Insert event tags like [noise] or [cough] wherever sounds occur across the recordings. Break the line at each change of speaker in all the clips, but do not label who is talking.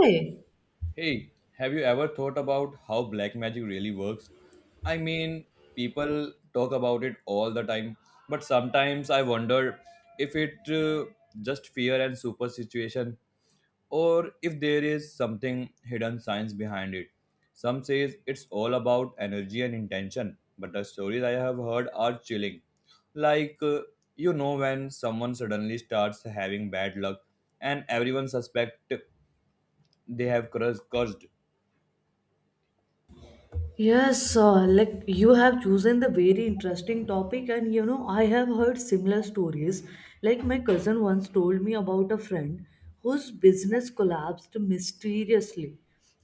Hey,
Hey, have you ever thought about how black magic really works? I mean, people talk about it all the time, but sometimes I wonder if it just fear and superstition or if there is something hidden science behind it. Some says it's all about energy and intention, but the stories I have heard are chilling. Like, when someone suddenly starts having bad luck and everyone suspect they have cursed.
Yes, like you have chosen the very interesting topic, and I have heard similar stories. Like my cousin once told me about a friend whose business collapsed mysteriously,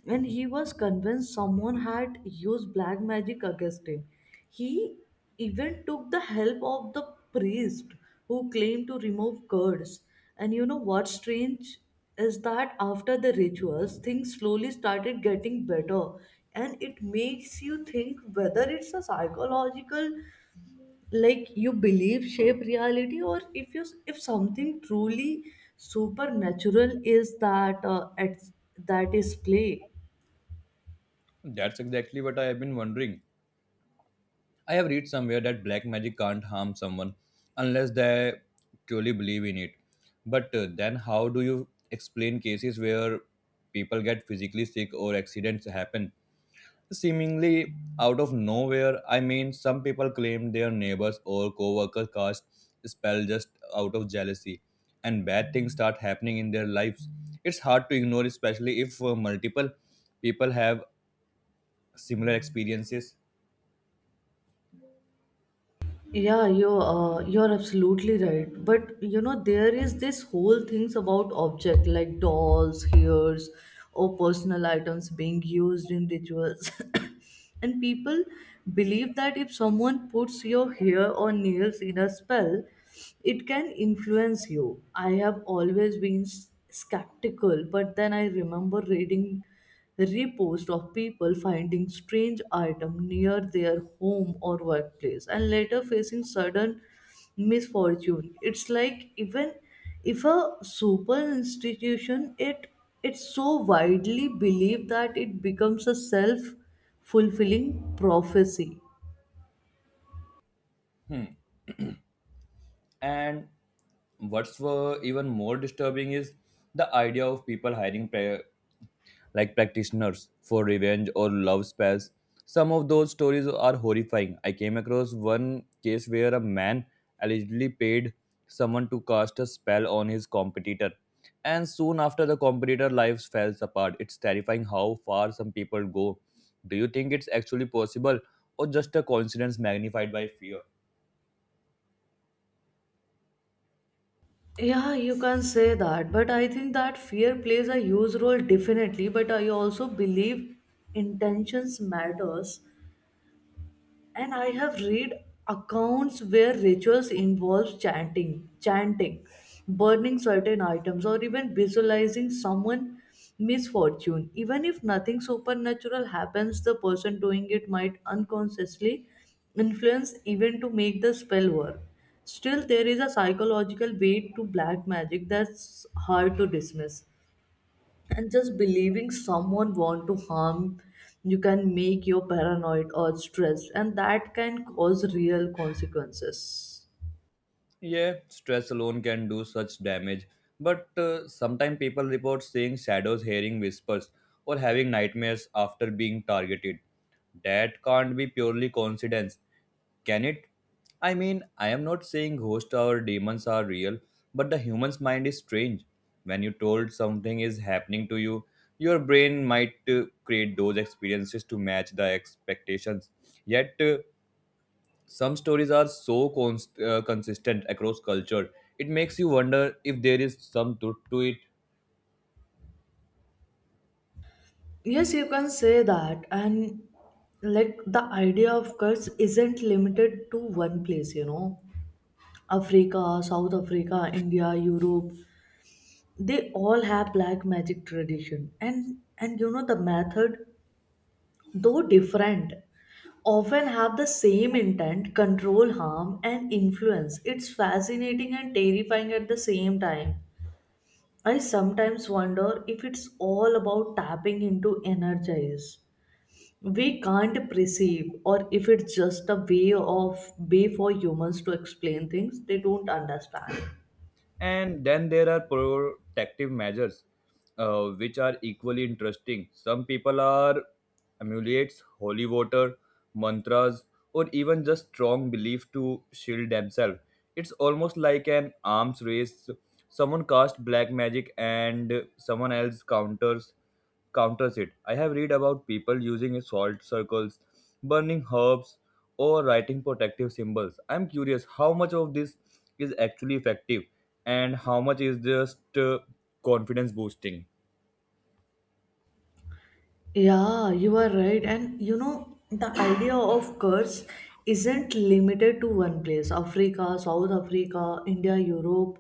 and he was convinced someone had used black magic against him. He even took the help of the priest who claimed to remove curse. And you know what's strange is that after the rituals, things slowly started getting better. And it makes you think whether it's a psychological, like you believe shape reality, or if something truly supernatural is that at that is play.
That's exactly what I have been wondering. I have read somewhere that black magic can't harm someone unless they truly believe in it. But then, how do you explain cases where people get physically sick or accidents happen? Seemingly out of nowhere. I mean, some people claim their neighbors or co workers cast spell just out of jealousy, and bad things start happening in their lives. It's hard to ignore, especially if multiple people have similar experiences.
Yeah, you're absolutely right. But there is this whole things about object like dolls, hairs, or personal items being used in rituals, [coughs] and people believe that if someone puts your hair or nails in a spell, it can influence you. I have always been skeptical, but then I remember reading reposts of people finding strange item near their home or workplace and later facing sudden misfortune. It's like even if a super institution it's so widely believed that it becomes a self fulfilling prophecy.
And what's were even more disturbing is the idea of people hiring like practitioners for revenge or love spells. Some of those stories are horrifying. I came across one case where a man allegedly paid someone to cast a spell on his competitor, and soon after the competitor' lives falls apart. It's terrifying how far some people go. Do you think it's actually possible, or just a coincidence magnified by fear?
Yeah, you can say that, but I think that fear plays a huge role definitely, but I also believe intentions matters. And I have read accounts where rituals involve chanting burning certain items or even visualizing someone misfortune. Even if nothing supernatural happens, the person doing it might unconsciously influence even to make the spell work. Still there is a psychological weight to black magic that's hard to dismiss, and just believing someone want to harm you can make you paranoid or stressed, and that can cause real consequences.
Yeah, stress alone can do such damage. But sometimes people report seeing shadows, hearing whispers, or having nightmares after being targeted. That can't be purely coincidence, can it? I mean, I am not saying ghosts or demons are real, but the human's mind is strange. When you told something is happening to you, your brain might create those experiences to match the expectations. Yet, some stories are so consistent across culture, it makes you wonder if there is some truth to it.
Yes, you can say that, and like the idea of curse isn't limited to one place. Africa, South Africa, India, Europe, they all have black magic tradition. And the method, though different, often have the same intent, control, harm, and influence. It's fascinating and terrifying at the same time. I sometimes wonder if it's all about tapping into energies we can't perceive, or if it's just a way for humans to explain things they don't understand.
And then there are protective measures, which are equally interesting. Some people are amulets, holy water, mantras, or even just strong belief to shield themselves. It's almost like an arms race. Someone casts black magic and someone else counters it. I have read about people using salt circles, burning herbs, or writing protective symbols. I'm curious how much of this is actually effective and how much is just confidence boosting.
Yeah, you are right. The idea of curse isn't limited to one place. Africa, South Africa, India, Europe,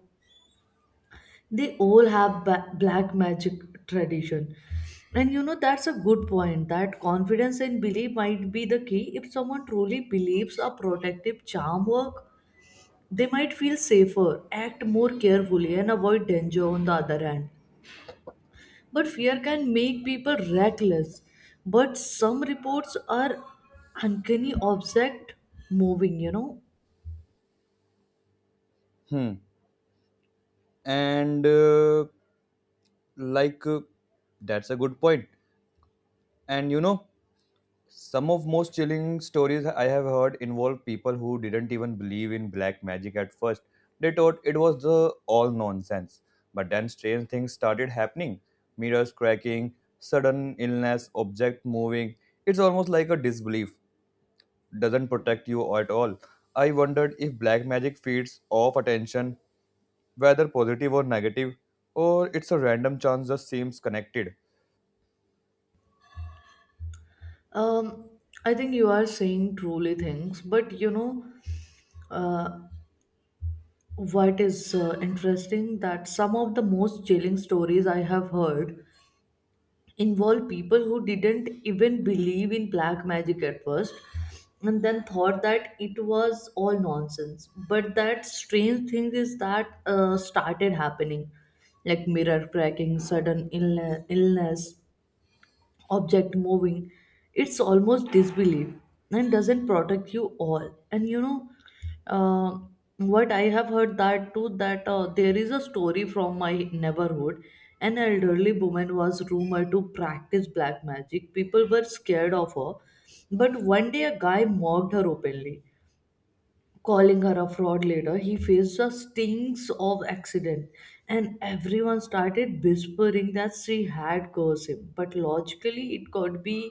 they all have black magic tradition. That's a good point that confidence and belief might be the key. If someone truly believes a protective charm work, they might feel safer, act more carefully, and avoid danger on the other hand. But fear can make people reckless. But some reports are uncanny object moving.
Hmm. And like That's a good point. And you know, some of most chilling stories I have heard involve people who didn't even believe in black magic at first. They thought it was the all nonsense. But then strange things started happening. Mirrors cracking, sudden illness, object moving. It's almost like a disbelief. Doesn't protect you at all. I wondered if black magic feeds off attention, whether positive or negative, or it's a random chance just seems connected.
Um, I think you are saying truly things, but uh, what is interesting that some of the most chilling stories I have heard involved people who didn't even believe in black magic at first, and then thought that it was all nonsense. But that strange thing is that started happening, like mirror cracking, sudden illness, object moving. It's almost disbelief, and doesn't protect you all. And you know uh, what I have heard that too, that there is a story from my neighborhood. An elderly woman was rumored to practice black magic. People were scared of her, but one day a guy mocked her openly, calling her a fraud. Later, he faced the stings of accident, and everyone started whispering that she had cursed him. But logically, it could be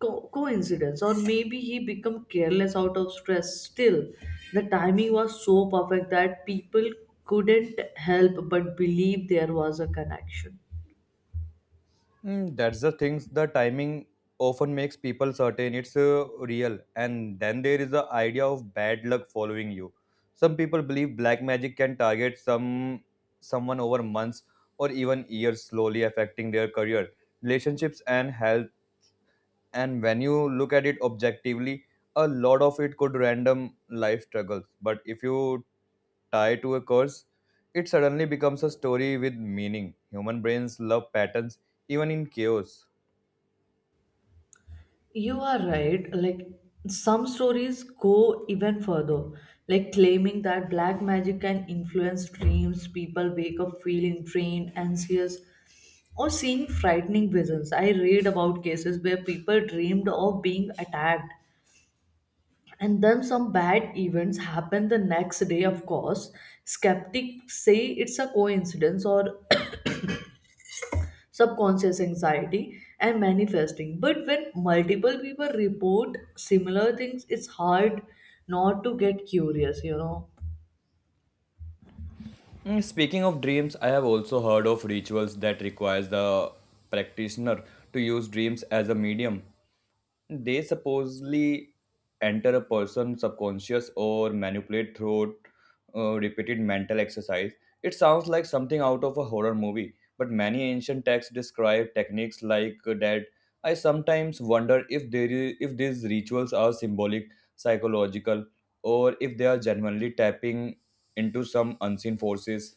coincidence, or maybe he became careless out of stress. Still, the timing was so perfect that people couldn't help but believe there was a connection.
Mm, that's the things. The timing often makes people certain it's real, and then there is the idea of bad luck following you. Some people believe black magic can target someone over months or even years, slowly affecting their career, relationships, and health. And when you look at it objectively, a lot of it could random life struggles. But if you tie to a curse, it suddenly becomes a story with meaning. Human brains love patterns, even in chaos.
You are right. Like some stories go even further, like claiming that black magic can influence dreams. People wake up feeling drained, anxious, or seeing frightening visions. I read about cases where people dreamed of being attacked. And then some bad events happen the next day, of course. Skeptics say it's a coincidence or subconscious anxiety and manifesting. But when multiple people report similar things, it's hard not to get curious.
Mm, speaking of dreams, I have also heard of rituals that requires the practitioner to use dreams as a medium. They supposedly enter a person's subconscious or manipulate through repeated mental exercise. It sounds like something out of a horror movie, but many ancient texts describe techniques like that. I sometimes wonder if there is, if these rituals are symbolic, psychological, or if they are genuinely tapping into some unseen forces.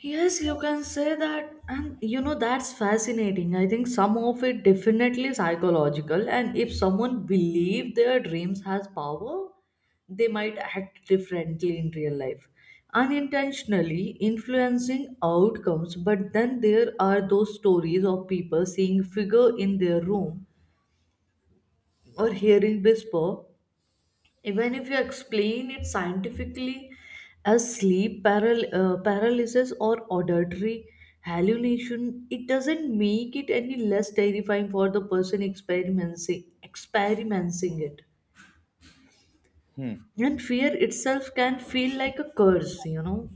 Yes, you can say that. That's fascinating. I think some of it definitely psychological, and if someone believe their dreams has power, they might act differently in real life, unintentionally influencing outcomes. But then there are those stories of people seeing figure in their room or hearing whisper, even if you explain it scientifically as sleep paralysis or auditory hallucination. It doesn't make it any less terrifying for the person experiencing it.
Hmm.
And fear itself can feel like a curse.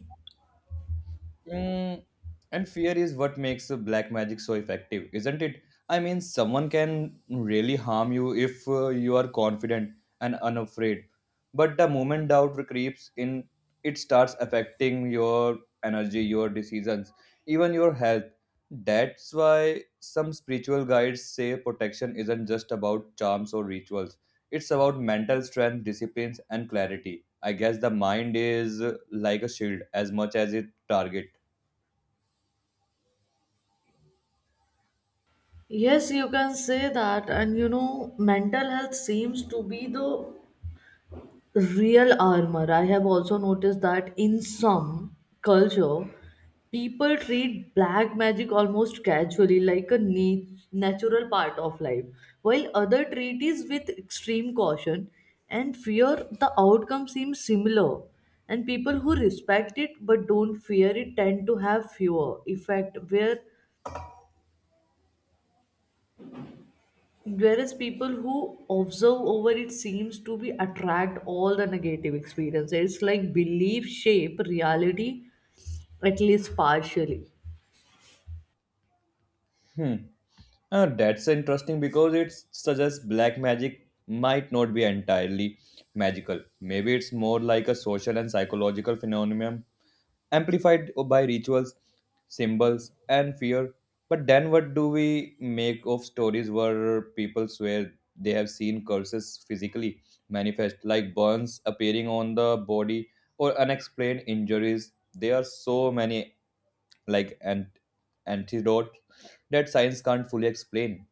Mm, and fear is what makes the black magic so effective, isn't it? I mean, someone can really harm you if you are confident and unafraid. But the moment doubt creeps in, it starts affecting your energy, your decisions, even your health. That's why some spiritual guides say protection isn't just about charms or rituals. It's about mental strength, disciplines, and clarity. I guess the mind is like a shield as much as it target.
Yes, you can say that. Mental health seems to be the real armor. I have also noticed that in some culture people treat black magic almost casually, like a natural part of life, while other treat it with extreme caution and fear. The outcome seems similar, and people who respect it but don't fear it tend to have fewer effect, whereas people who observe over it seems to be attract all the negative experiences. It's like belief shape reality, at least partially.
Hmm. That's interesting because it suggests black magic might not be entirely magical. Maybe it's more like a social and psychological phenomenon amplified by rituals, symbols, and fear. But then, what do we make of stories where people swear they have seen curses physically manifest, like burns appearing on the body or unexplained injuries? There are so many like an antidote that science can't fully explain.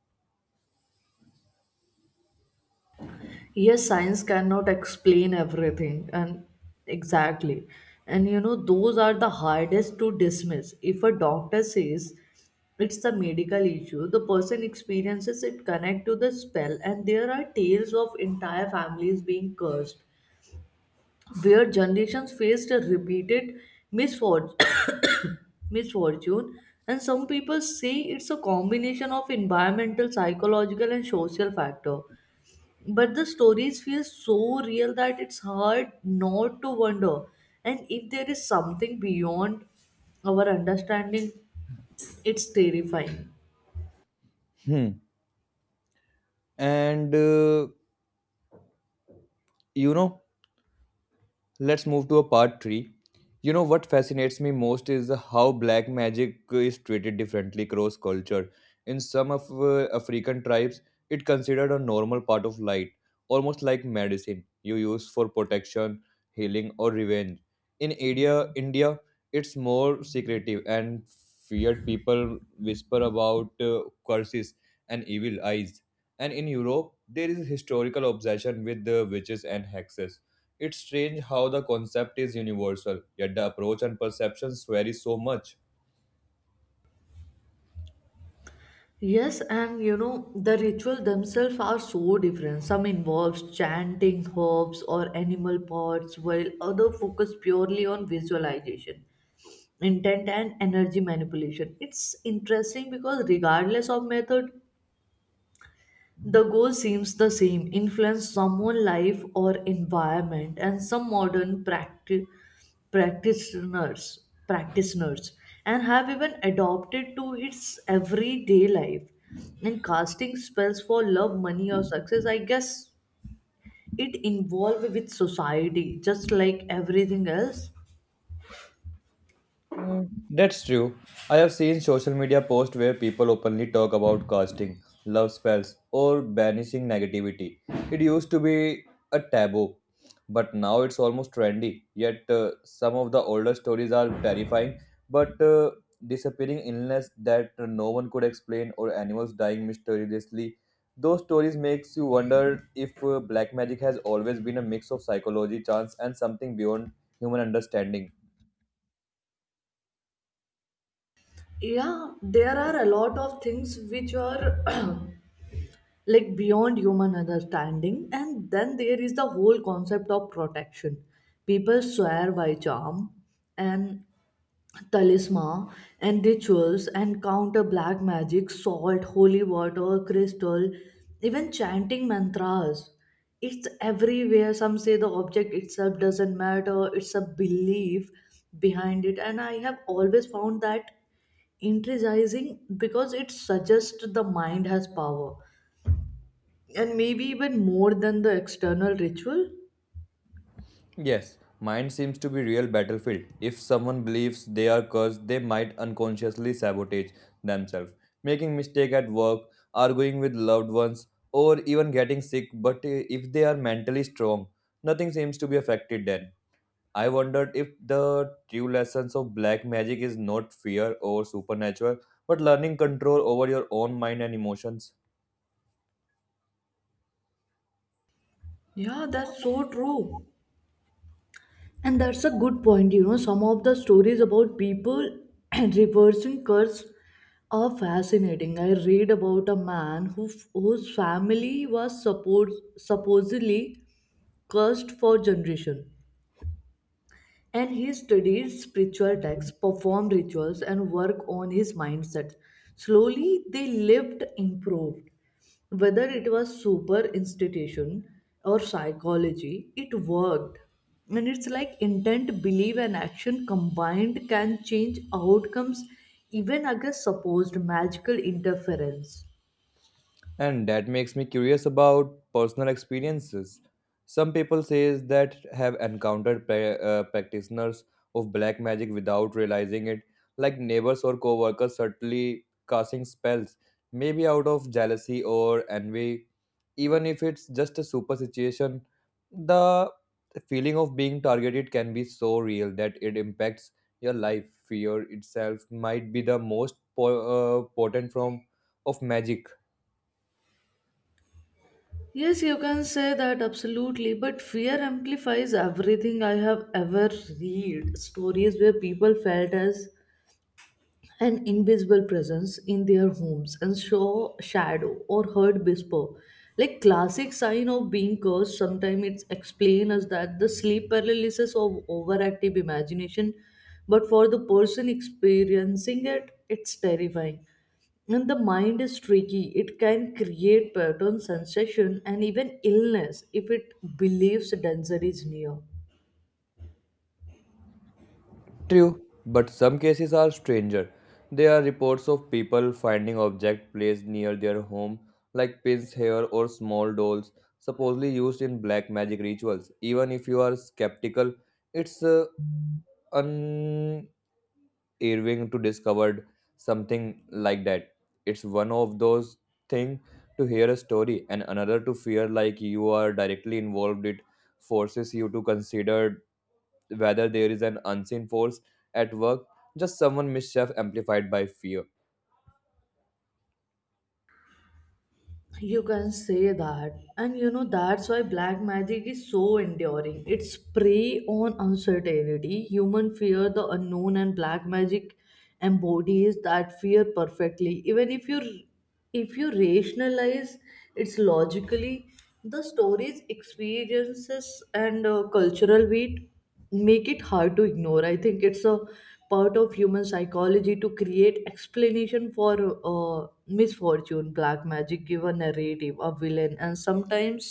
Yes, science cannot explain everything, and exactly, and you know those are the hardest to dismiss. If a doctor says it's the medical issue, the person experiences it connect to the spell, and there are tales of entire families being cursed where generations faced a repeated misfortune, [coughs] misfortune and some people say it's a combination of environmental, psychological, and social factor. But the stories feel so real that it's hard not to wonder and if there is something beyond our understanding, it's terrifying.
Hmm. And you know let's move to a part 3. You know what fascinates me most is how black magic is treated differently across culture. In some of African tribes, it considered a normal part of light, almost like medicine you use for protection, healing or revenge. In India, it's more secretive and feared people whisper about curses and evil eyes. And in Europe, there is a historical obsession with the witches and hexes. It's strange how the concept is universal, yet the approach and perceptions vary so much.
Yes. The ritual themselves are so different. Some involves chanting herbs or animal parts, while other focus purely on visualization, intent, and energy manipulation. It's interesting because, regardless of method, the goal seems the same influence someone's life or environment, and some modern practitioners and have even adopted to its everyday life. And casting spells for love, money, or success, I guess it involved with society just like everything else.
Mm, that's true. I have seen social media posts where people openly talk about casting, love spells, or banishing negativity. It used to be a taboo, but now it's almost trendy. Yet, some of the older stories are terrifying, but disappearing illness that no one could explain, or animals dying mysteriously. Those stories makes you wonder if black magic has always been a mix of psychology, chance, and something beyond human understanding.
Yeah, there are a lot of things which are [clears throat] like beyond human understanding. And then there is the whole concept of protection. People swear by charm and talisman and rituals and counter black magic, salt, holy water, crystal, even chanting mantras. It's everywhere. Some say the object itself doesn't matter, it's a belief behind it, and I have always found that intriguing because it suggests the mind has power, and maybe even more than the external ritual.
Yes, mind seems to be real battlefield. If someone believes they are cursed, they might unconsciously sabotage themselves, making mistake at work, arguing with loved ones, or even getting sick. But if they are mentally strong, nothing seems to be affected then. I wondered if the true lessons of black magic is not fear or supernatural, but learning control over your own mind and emotions.
Yeah, that's so true. And that's a good point. You know, some of the stories about people [clears throat] reversing curse are fascinating. I read about a man whose family was supposedly cursed for generation. And he studied spiritual texts, performed rituals, and worked on his mindset. Slowly, they lived improved. Whether it was super institution or psychology, it worked. And it's like intent, belief, and action combined can change outcomes even against supposed magical interference.
And that makes me curious about personal experiences. Some people says that have encountered practitioners of black magic without realizing it, like neighbors or co-workers certainly casting spells, maybe out of jealousy or envy. Even if it's just a superstition, the feeling of being targeted can be so real that it impacts your life. Fear itself might be the most potent form of magic.
Yes, you can say that absolutely, but fear amplifies everything I have ever read. Stories where people felt as an invisible presence in their homes and saw shadow or heard whisper, like classic sign of being cursed. Sometimes it's explained as that the sleep paralysis of overactive imagination, but for the person experiencing it's terrifying, and the mind is tricky. It can create pattern sensation and even illness if it believes danger is near.
True, but some cases are stranger. There are reports of people finding objects placed near their home, like pins, hair, or small dolls, supposedly used in black magic rituals. Even if you are skeptical, it's unerving to discover something like that. It's one of those things to hear a story and another to fear like you are directly involved. It forces you to consider whether there is an unseen force at work, just someone mischief amplified by fear.
You can say that. That's why black magic is so enduring. It's prey on uncertainty. Human fear the unknown, and black magic embodies that fear perfectly. Even if you rationalize it's logically, the story's experiences and cultural weight make it hard to ignore. I think it's a part of human psychology to create explanation for misfortune. Black magic give a narrative, a villain, and sometimes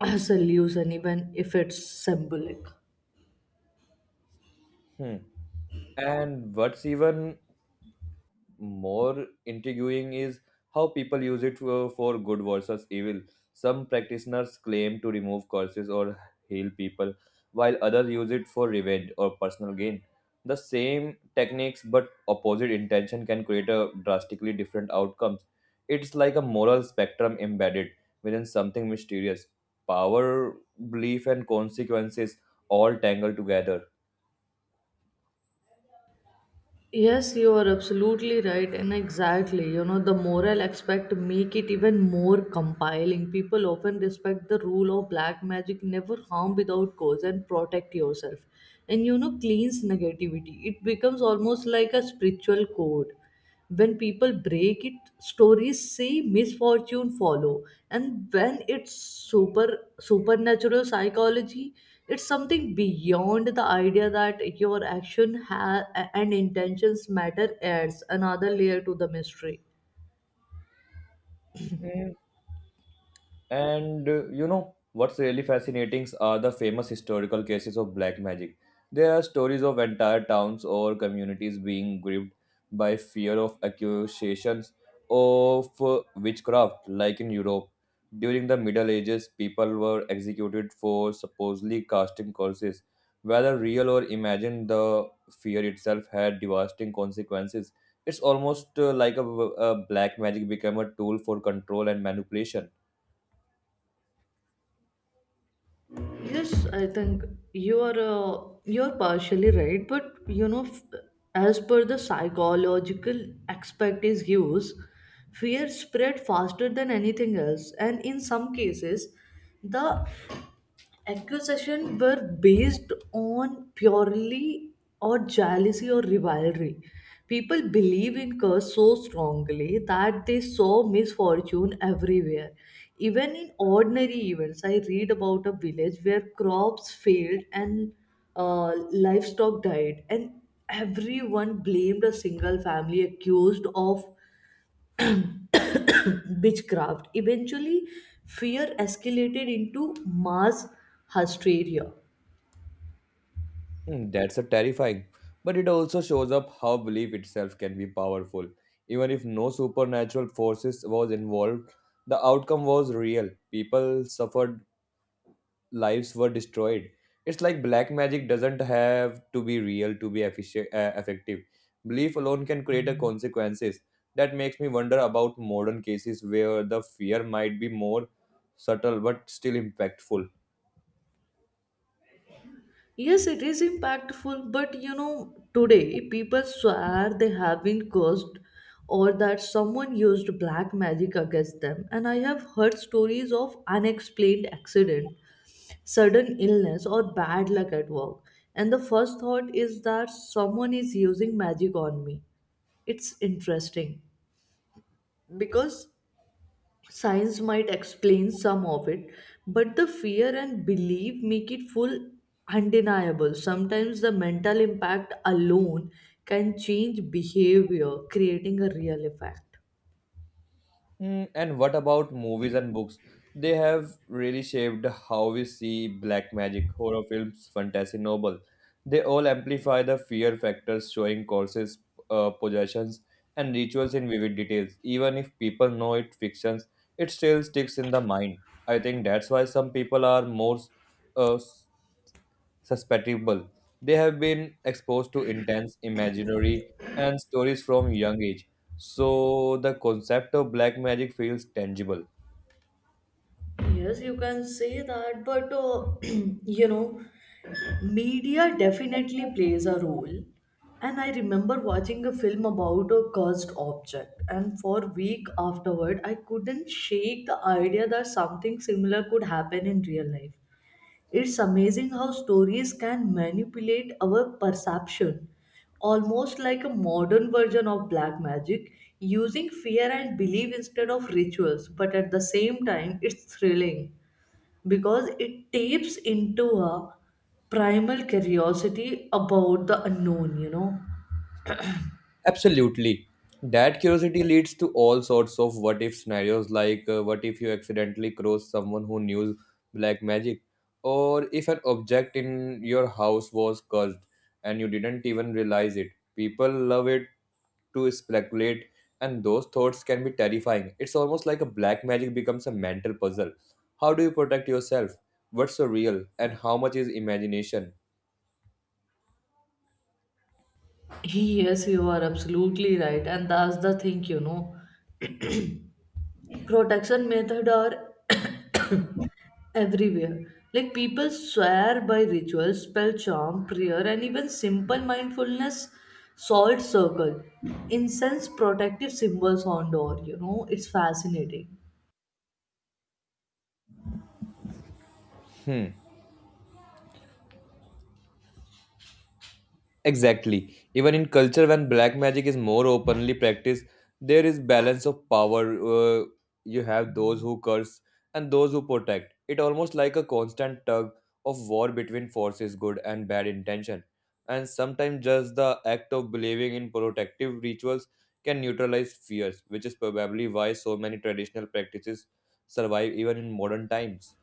a solution, even if it's symbolic.
Hmm. And what's even more intriguing is how people use it for good versus evil. Some practitioners claim to remove curses or heal people, while others use it for revenge or personal gain. The same techniques but opposite intention can create a drastically different outcomes. It's like a moral spectrum embedded within something mysterious. Power, belief, and consequences all tangled together.
Yes, you are absolutely right, and exactly. The moral aspect make it even more compelling. People often respect the rule of black magic, never harm without cause, and protect yourself. Cleans negativity. It becomes almost like a spiritual code. When people break it, stories say misfortune follow, and when it's supernatural psychology, it's something beyond. The idea that your action and intentions matter adds another layer to the mystery.
And you know what's really fascinating are the famous historical cases of black magic. There are stories of entire towns or communities being gripped by fear of accusations of witchcraft, like in Europe. During the Middle Ages, people were executed for supposedly casting curses. Whether real or imagined, the fear itself had devastating consequences. It's almost like a black magic became a tool for control and manipulation.
Yes, I think you're partially right, but as per the psychological aspect is used, fear spread faster than anything else, and in some cases, the accusations were based on purely or jealousy or rivalry. People believe in curse so strongly that they saw misfortune everywhere. Even in ordinary events, I read about a village where crops failed and livestock died, and everyone blamed a single family accused of witchcraft. Eventually, fear escalated into mass hysteria.
Hmm, that's a terrifying, but it also shows up how belief itself can be powerful. Even if no supernatural forces was involved, the outcome was real. People suffered, lives were destroyed. It's like black magic doesn't have to be real to be effective. Belief alone can create a consequences. That makes me wonder about modern cases where the fear might be more subtle but still impactful.
Yes, it is impactful, but today people swear they have been cursed or that someone used black magic against them. And I have heard stories of unexplained accident, sudden illness, or bad luck at work. And the first thought is that someone is using magic on me. It's interesting because science might explain some of it, but the fear and belief make it full undeniable. Sometimes the mental impact alone can change behavior, creating a real effect.
Mm, and what about movies and books? They have really shaped how we see black magic, horror films, fantasy novel. They all amplify the fear factors, showing curses, possessions, and rituals in vivid details. Even if people know it fictions, it still sticks in the mind. I think that's why some people are more uh, susceptible. They have been exposed to intense imaginary and stories from young age, so the concept of black magic feels tangible.
Yes, you can say that, but [clears throat] media definitely plays a role. And I remember watching a film about a cursed object, and for a week afterward, I couldn't shake the idea that something similar could happen in real life. It's amazing how stories can manipulate our perception, almost like a modern version of black magic, using fear and belief instead of rituals. But at the same time, it's thrilling because it taps into a primal curiosity about the unknown.
Absolutely. That curiosity leads to all sorts of what if scenarios like what if you accidentally cross someone who knew black magic, or if an object in your house was cursed and you didn't even realize it. People love it to speculate, and those thoughts can be terrifying. It's almost like a black magic becomes a mental puzzle. How do you protect yourself? What's so real, and how much is imagination?
Yes, you are absolutely right, and that's the thing, Protection method are [coughs] everywhere. Like people swear by rituals, spell charm, prayer, and even simple mindfulness, salt circle, incense protective symbols on door. It's fascinating.
Hmm. Exactly. Even in culture, when black magic is more openly practiced, there is balance of power. Uh, you have those who curse and those who protect. It almost like a constant tug of war between forces, good and bad intention. And sometimes just the act of believing in protective rituals can neutralize fears, which is probably why so many traditional practices survive even in modern times.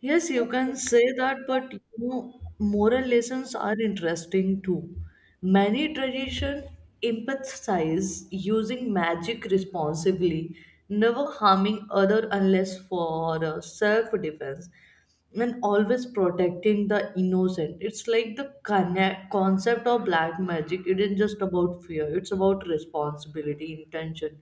Yes, you can say that, but moral lessons are interesting too. Many traditions emphasize using magic responsibly, never harming other unless for self-defense, and always protecting the innocent. It's like the connect concept of black magic. It isn't just about fear; it's about responsibility, intention,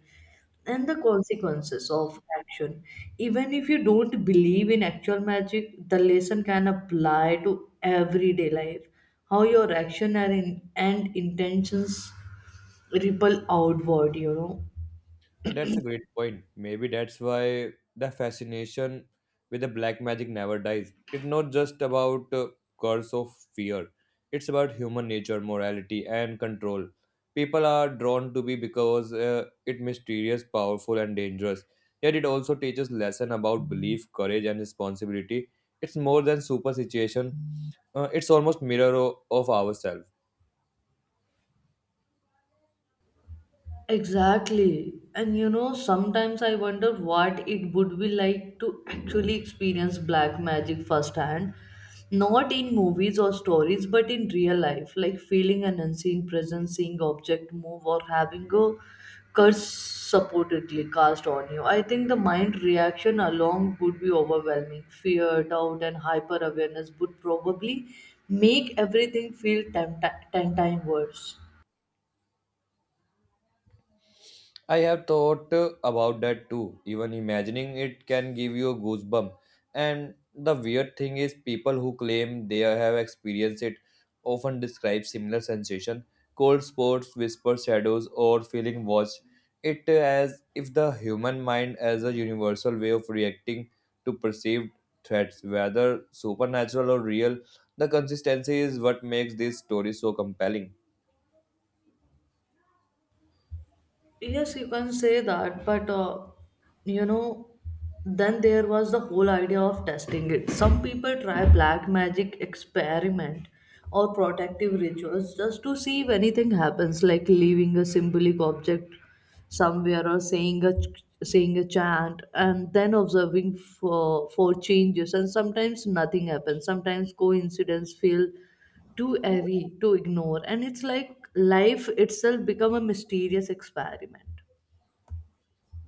and the consequences of action. Even if you don't believe in actual magic, the lesson can apply to everyday life. How your action and intentions ripple outward.
That's a great point. Maybe that's why the fascination with the black magic never dies. It's not just about curse of fear. It's about human nature, morality, and control. People are drawn to be because it mysterious, powerful, and dangerous. Yet it also teaches lesson about belief, courage, and responsibility. It's more than superstition. It's almost mirror of ourselves.
Exactly. And sometimes I wonder what it would be like to actually experience black magic firsthand. Not in movies or stories, but in real life. Like feeling an unseen presence, seeing object move, or having a curse supportedly cast on you. I think the mind reaction alone would be overwhelming. Fear, doubt, and hyper awareness would probably make everything feel ten times worse.
I have thought about that too. Even imagining it can give you a goosebump. And the weird thing is, people who claim they have experienced it often describe similar sensation: cold spots, whisper shadows, or feeling watched. It as if the human mind has a universal way of reacting to perceived threats, whether supernatural or real. The consistency is what makes this story so compelling.
Yes, you can say that, but you know, then there was the whole idea of testing it. Some people try black magic experiment or protective rituals just to see if anything happens, like leaving a symbolic object somewhere or saying a chant and then observing for changes. And sometimes nothing happens, sometimes coincidence feel too airy to ignore, and it's like life itself become a mysterious experiment.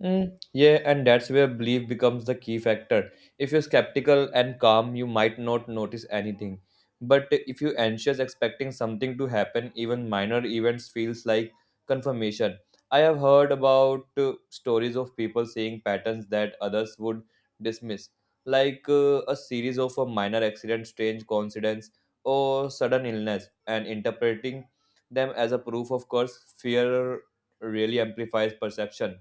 Mm, yeah, and that's where belief becomes the key factor. If you're skeptical and calm, you might not notice anything. But if you're anxious, expecting something to happen, even minor events feels like confirmation. I have heard about stories of people seeing patterns that others would dismiss, like a series of a minor accident, strange coincidence, or sudden illness, and interpreting them as a proof of course. Fear really amplifies perception.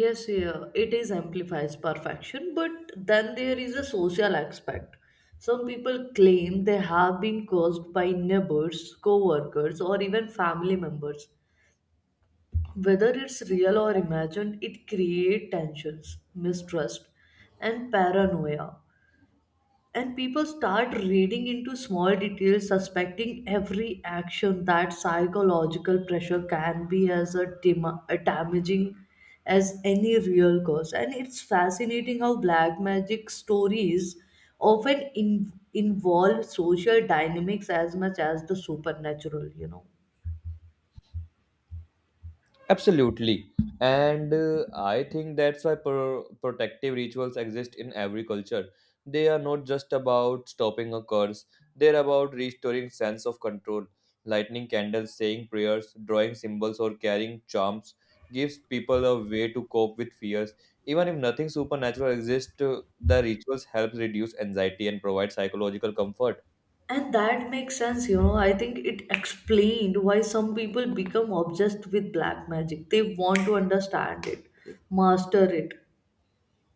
Yes, yeah, it is amplifies perfection, but then there is a social aspect. Some people claim they have been caused by neighbors, co-workers, or even family members. Whether it's real or imagined, it creates tensions, mistrust, and paranoia. And people start reading into small details, suspecting every action. That psychological pressure can be as a damaging as any real cause. And it's fascinating how black magic stories often involve social dynamics as much as the supernatural.
Absolutely. And I think that's why protective rituals exist in every culture. They are not just about stopping a curse, they're about restoring sense of control. Lighting candles, saying prayers, drawing symbols, or carrying charms gives people a way to cope with fears. Even if nothing supernatural exists, the rituals help reduce anxiety and provide psychological comfort.
And that makes sense, I think it explained why some people become obsessed with black magic. They want to understand it, master it,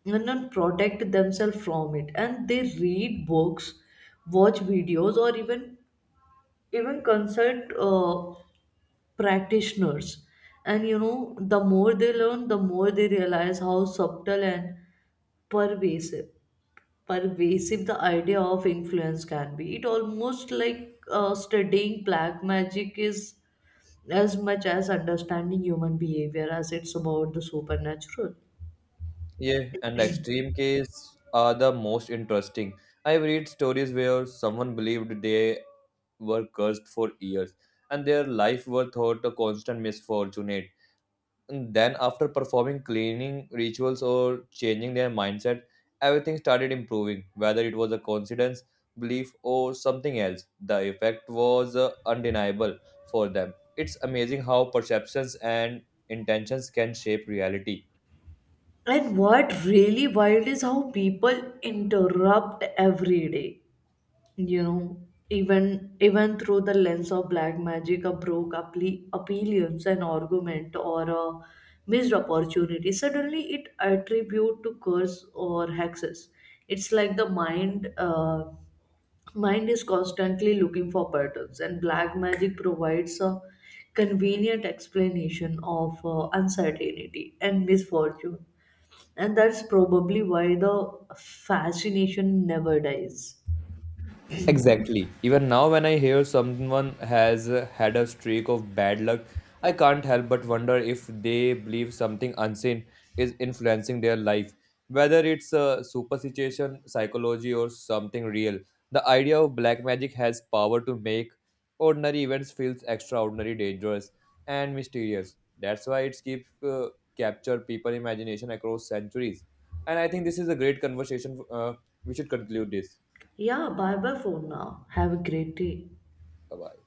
and not protect themselves from it. And they read books, watch videos, or even consult practitioners. And you know the more they learn, the more they realize how subtle and pervasive pervasive the idea of influence can be. It almost like studying black magic is as much as understanding human behavior as it's about the supernatural.
Yeah, and extreme cases are the most interesting. I've read stories where someone believed they were cursed for years and their life were thought a constant misfortune. And then, after performing cleaning rituals or changing their mindset, everything started improving, whether it was a coincidence, belief, or something else. The effect was undeniable for them. It's amazing how perceptions and intentions can shape reality.
And what really wild is how people interrupt every day. You know, even through the lens of black magic, a appearance, an argument, or a missed opportunity. Suddenly, it attribute to curse or hexes. It's like the mind is constantly looking for patterns, and black magic provides a convenient explanation of uncertainty and misfortune. And that's probably why the fascination never dies.
Exactly. Even now, when I hear someone has had a streak of bad luck, I can't help but wonder if they believe something unseen is influencing their life, whether it's a superstition, psychology, or something real. The idea of black magic has power to make ordinary events feel extraordinary, dangerous, and mysterious. That's why it's keep capture people imagination across centuries. And I think this is a great conversation. We should conclude this.
Yeah, bye bye for now. Have a great day.
Bye bye.